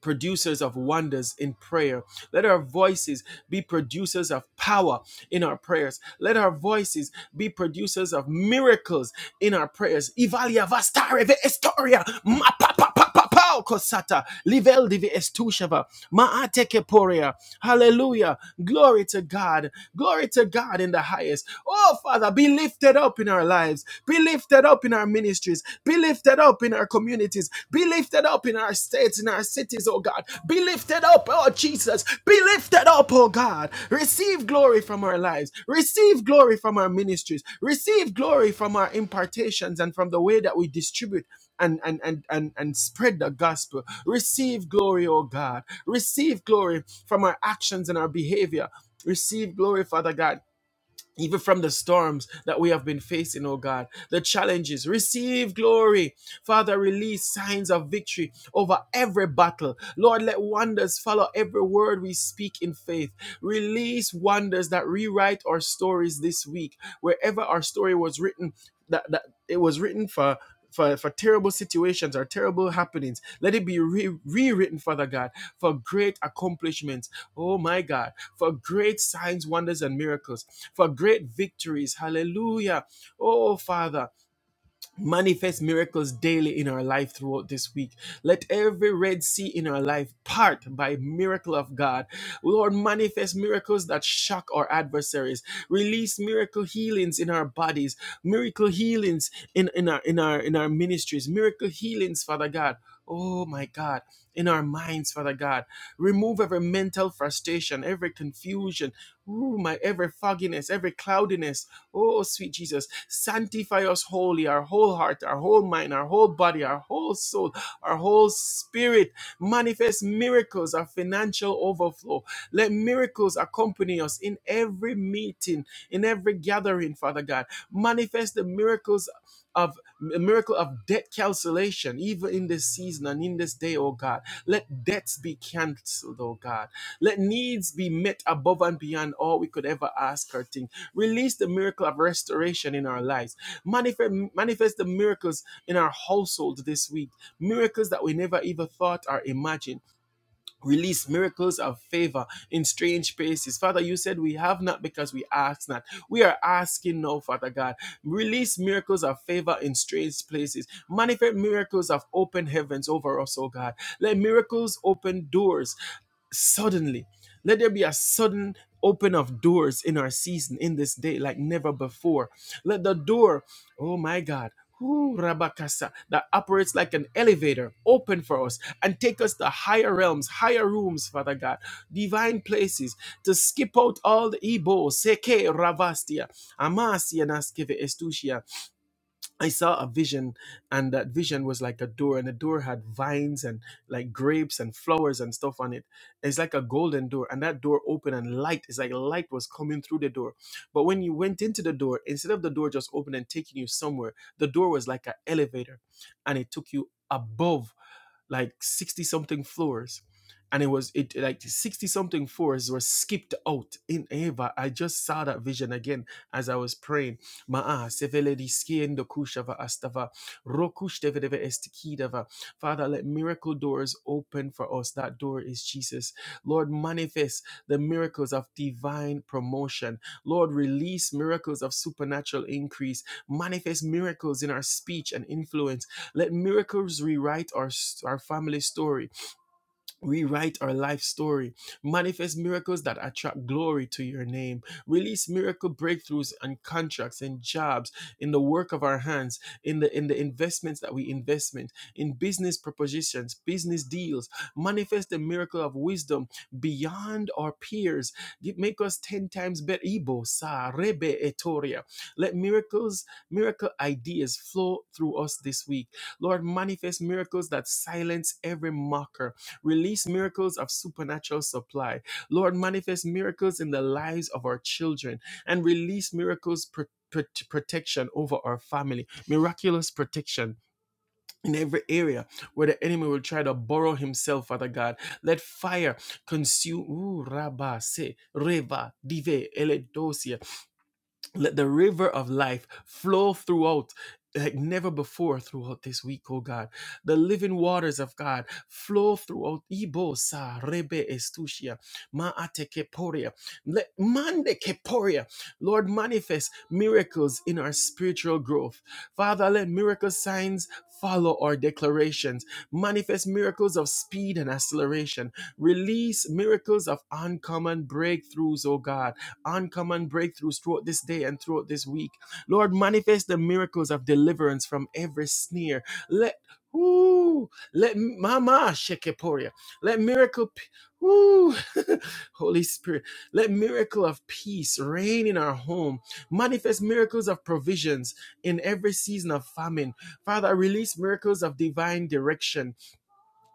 Speaker 1: producers of wonders in prayer. Let our voices be producers of power in our prayers. Let our voices be producers of miracles in our prayers. Ivalia vastare ve estoria ma pa pa pa pa pa kosata livel divi estushava ma ateke poria. Hallelujah. Glory to God. Glory to God in the highest. Oh Father, be lifted up in our lives. Be lifted up in our ministry ministries. Be lifted up in our communities. Be lifted up in our states, in our cities, oh God. Be lifted up, oh Jesus. Be lifted up, oh God. Receive glory from our lives. Receive glory from our ministries. Receive glory from our impartations and from the way that we distribute. And, and and and and spread the gospel. Receive glory, oh God. Receive glory from our actions and our behavior. Receive glory, Father God even from the storms that we have been facing, oh God, the challenges. Receive glory. Father, release signs of victory over every battle. Lord, let wonders follow every word we speak in faith. Release wonders that rewrite our stories this week. Wherever our story was written, that, that it was written for. For, for terrible situations or terrible happenings, let it be re- rewritten, Father God, for great accomplishments. Oh my God for great signs, wonders, and miracles, for great victories. Hallelujah. Oh, Father manifest miracles daily in our life throughout this week. Let every Red Sea in our life part by miracle of God. Lord, manifest miracles that shock our adversaries. Release miracle healings in our bodies, miracle healings in, in our in our in our ministries, miracle healings, Father God. Oh my God, in our minds, Father God. Remove every mental frustration, every confusion, ooh, my every fogginess, every cloudiness. Oh, sweet Jesus. Sanctify us wholly, our whole heart, our whole mind, our whole body, our whole soul, our whole spirit. Manifest miracles, our financial overflow. Let miracles accompany us in every meeting, in every gathering, Father God. Manifest the miracles of a miracle of debt cancellation, even in this season and in this day, oh God. Let debts be cancelled, oh God. Let needs be met above and beyond all we could ever ask or think. Release the miracle of restoration in our lives. Manifest, manifest the miracles in our household this week. Miracles that we never even thought or imagined. Release miracles of favor in strange places. Father, you said we have not because we ask not. We are asking now, Father God. Release miracles of favor in strange places. Manifest miracles of open heavens over us, oh God. Let miracles open doors suddenly. Let there be a sudden open of doors in our season in this day like never before. Let the door, oh my God, ooh, Rabakasa, that operates like an elevator open for us and take us to higher realms, higher rooms, Father God, divine places to skip out all the Ebo, Seke, Ravastia, Amasia, Naskeve, Estusia. I saw a vision, and that vision was like a door, and the door had vines and like grapes and flowers and stuff on it. It's like a golden door, and that door opened, and light It's like light was coming through the door. But when you went into the door, instead of the door just opening and taking you somewhere, the door was like an elevator, and it took you above like 60 something floors and it was it like 60 something floors were skipped out in Ava. I just saw that vision again as I was praying. Maa seveledi skien kushava astava rokush devedeve estikidava. Father, let miracle doors open for us. That door is Jesus. Lord, manifest the miracles of divine promotion. Lord, release miracles of supernatural increase. Manifest miracles in our speech and influence let miracles rewrite our, our family story. Rewrite our life story. Manifest miracles that attract glory to your name. Release miracle breakthroughs and contracts and jobs in the work of our hands, in the in the investments that we investment, in business propositions, business deals. Manifest the miracle of wisdom beyond our peers. Gi- Make us ten times better. Ibo sa rebe etoria. Let miracles, miracle ideas flow through us this week. Lord, manifest miracles that silence every mocker Release miracles of supernatural supply. Lord, manifest miracles in the lives of our children and release miracles pro- pro- protection over our family, miraculous protection in every area where the enemy will try to borrow himself, Father God. Let fire consume. Ooh, rabba, se, reva, dive, ele dosia. Let the river of life flow throughout like never before throughout this week, oh God. The living waters of God flow throughout Ibo sa rebe estusia ma ate keporia. Let mande keporia. Lord, manifest miracles in our spiritual growth. Father, let miracle signs follow our declarations. Manifest miracles of speed and acceleration. Release miracles of uncommon breakthroughs, oh God uncommon breakthroughs throughout this day and throughout this week. Lord, manifest the miracles of deliverance from every sneer. Let Ooh, let Mama Shekeporia, let miracle, p- ooh, Holy Spirit, let miracle of peace reign in our home. Manifest miracles of provisions in every season of famine. Father, release miracles of divine direction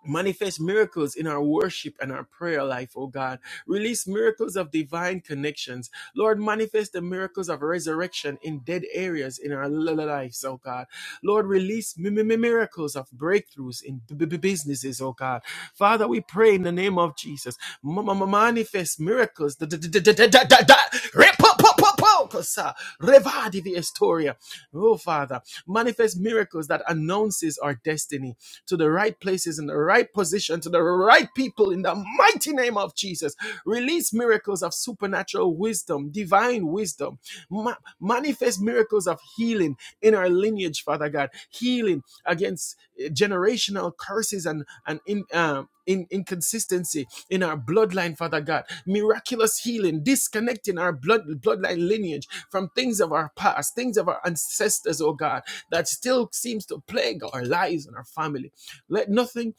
Speaker 1: Manifest miracles in our worship and our prayer life, oh God. Release miracles of divine connections. Lord, manifest the miracles of resurrection in dead areas in our lives, oh God. Lord, release mi- mi- mi- miracles of breakthroughs in b- b- businesses, oh God. Father, we pray in the name of Jesus. M- m- Manifest miracles. Da- da- da- da- da- da- da- da. Repopopopokosa. Revadivi Estoria. Oh, Father, manifest miracles that announces our destiny to the right places, in the right position, to the right people in the mighty name of Jesus. Release miracles of supernatural wisdom, divine wisdom. Ma- manifest miracles of healing in our lineage, Father God. Healing against eh, generational curses and, and in, um, in inconsistency in our bloodline, Father God, miraculous healing, disconnecting our blood bloodline lineage from things of our past, things of our ancestors, oh God, that still seems to plague our lives and our family. Let nothing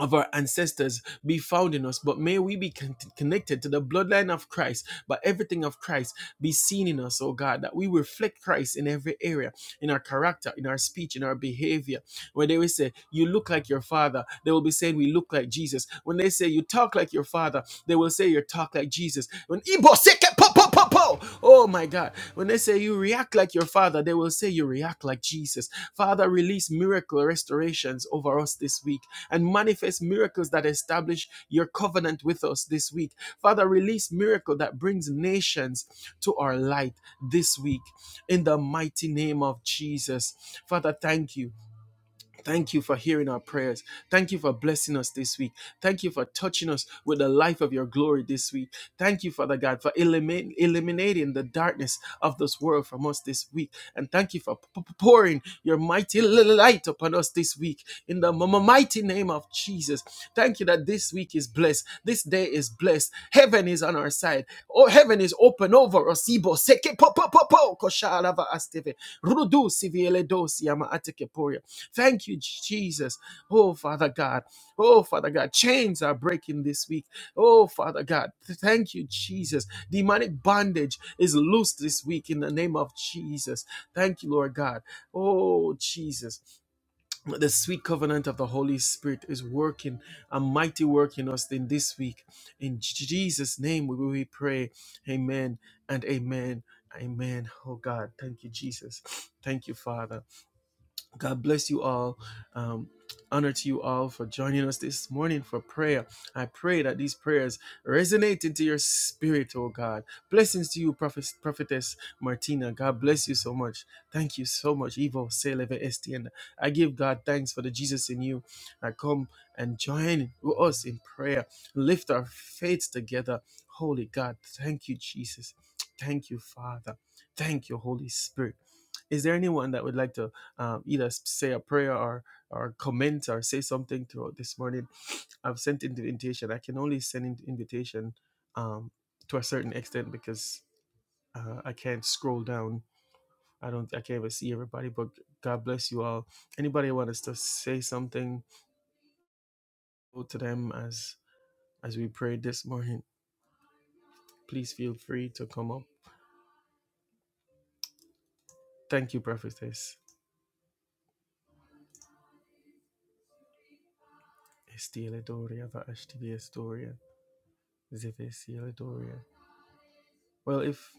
Speaker 1: of our ancestors be found in us, but may we be con- connected to the bloodline of Christ, but everything of Christ be seen in us, oh God, that we reflect Christ in every area, in our character, in our speech, in our behavior. When they will say, You look like your father, they will be saying, We look like Jesus. When they say, You talk like your father, they will say, You talk like Jesus. When po, po, po. Oh my God. When they say you react like your father, they will say you react like Jesus. Father, release miracle restorations over us this week and manifest miracles that establish your covenant with us this week. Father, release miracle that brings nations to our light this week in the mighty name of Jesus. Father, thank you. Thank you for hearing our prayers. Thank you for blessing us this week. Thank you for touching us with the life of your glory this week. Thank you, Father God, for elimin- eliminating the darkness of this world from us this week. And thank you for p- p- pouring your mighty light upon us this week in the m- m- mighty name of Jesus. Thank you that this week is blessed. This day is blessed. Heaven is on our side. Oh, heaven is open over us. Ibo, seke, po, po, po, po, koshalava, astive. Rudusi vieledosi ama atekeporia. Thank you, Jesus. Oh, Father God. Oh, Father God. Chains are breaking this week. Oh, Father God. Thank you, Jesus. Demonic bondage is loosed this week in the name of Jesus. Thank you, Lord God. Oh, Jesus the sweet covenant of the Holy Spirit is working a mighty work in us in this week. In J- Jesus' name we we pray. Amen and amen. Amen. Oh God, thank you, Jesus. Thank you, Father. God bless you all. Um, honor to you all for joining us this morning for prayer. I pray that these prayers resonate into your spirit, oh God. Blessings to you, Prophet, Prophetess Martina. God bless you so much. Thank you so much, Evo Seleve Estienne. I give God thanks for the Jesus in you. I come and join with us in prayer. Lift our faith together. Holy God, thank you, Jesus. Thank you, Father. Thank you, Holy Spirit. Is there anyone that would like to? um, either say a prayer or or comment or say something throughout this morning. I've sent in the invitation. I can only send in the invitation um, to a certain extent because uh, I can't scroll down. I don't. I can't even see everybody. But God bless you all. Anybody want us to say something to them as as we prayed this morning? Please feel free to come up. Thank you, prophetess. Estela Doria, Ashtivia Doria, Zeve Doria. Well, if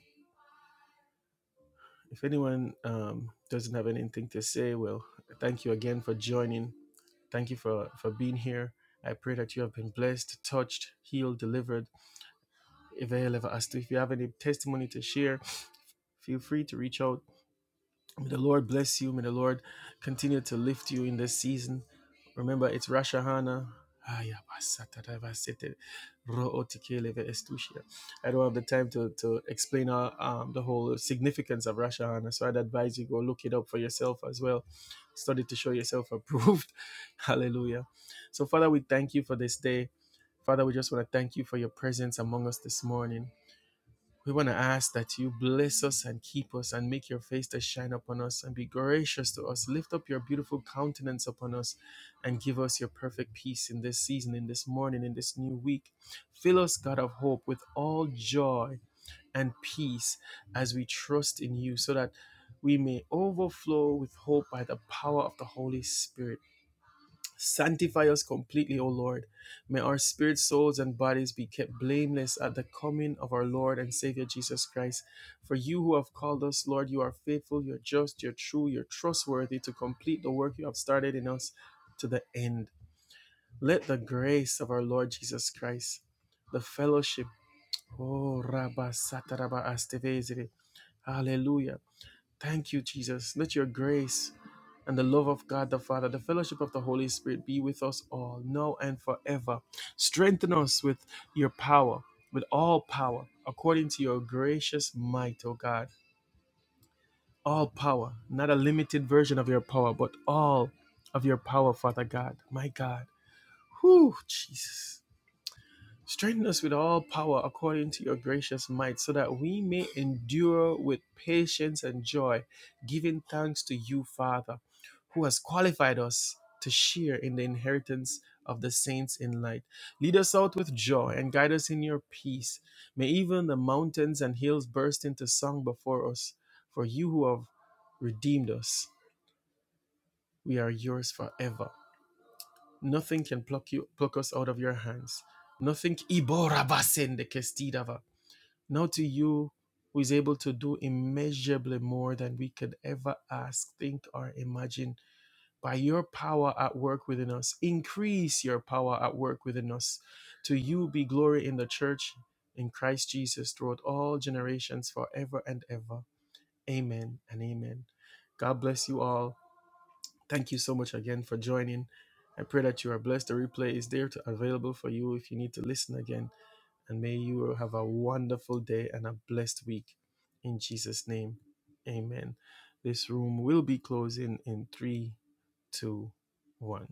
Speaker 1: If anyone um, doesn't have anything to say, well, thank you again for joining. Thank you for, for being here. I pray that you have been blessed, touched, healed, delivered. If you have if you have any testimony to share, feel free to reach out May the Lord bless you. May the Lord continue to lift you in this season. Remember, it's Rosh Hashanah. Aya basata da basete, ro otikele ve estushia. I don't have the time to, to explain uh, um, the whole significance of Rosh Hashanah, so I'd advise you go look it up for yourself as well. Study to show yourself approved. Hallelujah. So, Father, we thank you for this day. Father, we just want to thank you for your presence among us this morning. We want to ask that you bless us and keep us and make your face to shine upon us and be gracious to us. Lift up your beautiful countenance upon us and give us your perfect peace in this season, in this morning, in this new week. Fill us, God of hope, with all joy and peace as we trust in you so that we may overflow with hope by the power of the Holy Spirit. Sanctify us completely, O Lord. May our spirits, souls, and bodies be kept blameless at the coming of our Lord and Savior Jesus Christ. For you who have called us, Lord, you are faithful, you're just, you're true, you're trustworthy to complete the work you have started in us to the end. Let the grace of our Lord Jesus Christ, the fellowship, oh, Rabba Sataraba Astevesere, hallelujah Thank you, Jesus. Let your grace and the love of God the Father, the fellowship of the Holy Spirit be with us all, now and forever. Strengthen us with your power, with all power, according to your gracious might, O God. All power, not a limited version of your power, but all of your power, Father God. My God. Whew, Jesus. Strengthen us with all power according to your gracious might, so that we may endure with patience and joy, giving thanks to you, Father who has qualified us to share in the inheritance of the saints in light. Lead us out with joy and guide us in your peace. May even the mountains and hills burst into song before us, for you who have redeemed us, we are yours forever. Nothing can pluck you pluck us out of your hands. Nothing Ibora basen de kestidava. Now to you who is able to do immeasurably more than we could ever ask, think, or imagine by your power at work within us. Increase your power at work within us. To you be glory in the church in Christ Jesus throughout all generations, forever and ever. Amen and amen. God bless you all. Thank you so much again for joining. I pray that you are blessed. The replay is there to, available for you if you need to listen again. And may you have a wonderful day and a blessed week. In Jesus' name, amen. This room will be closing in three, two, one.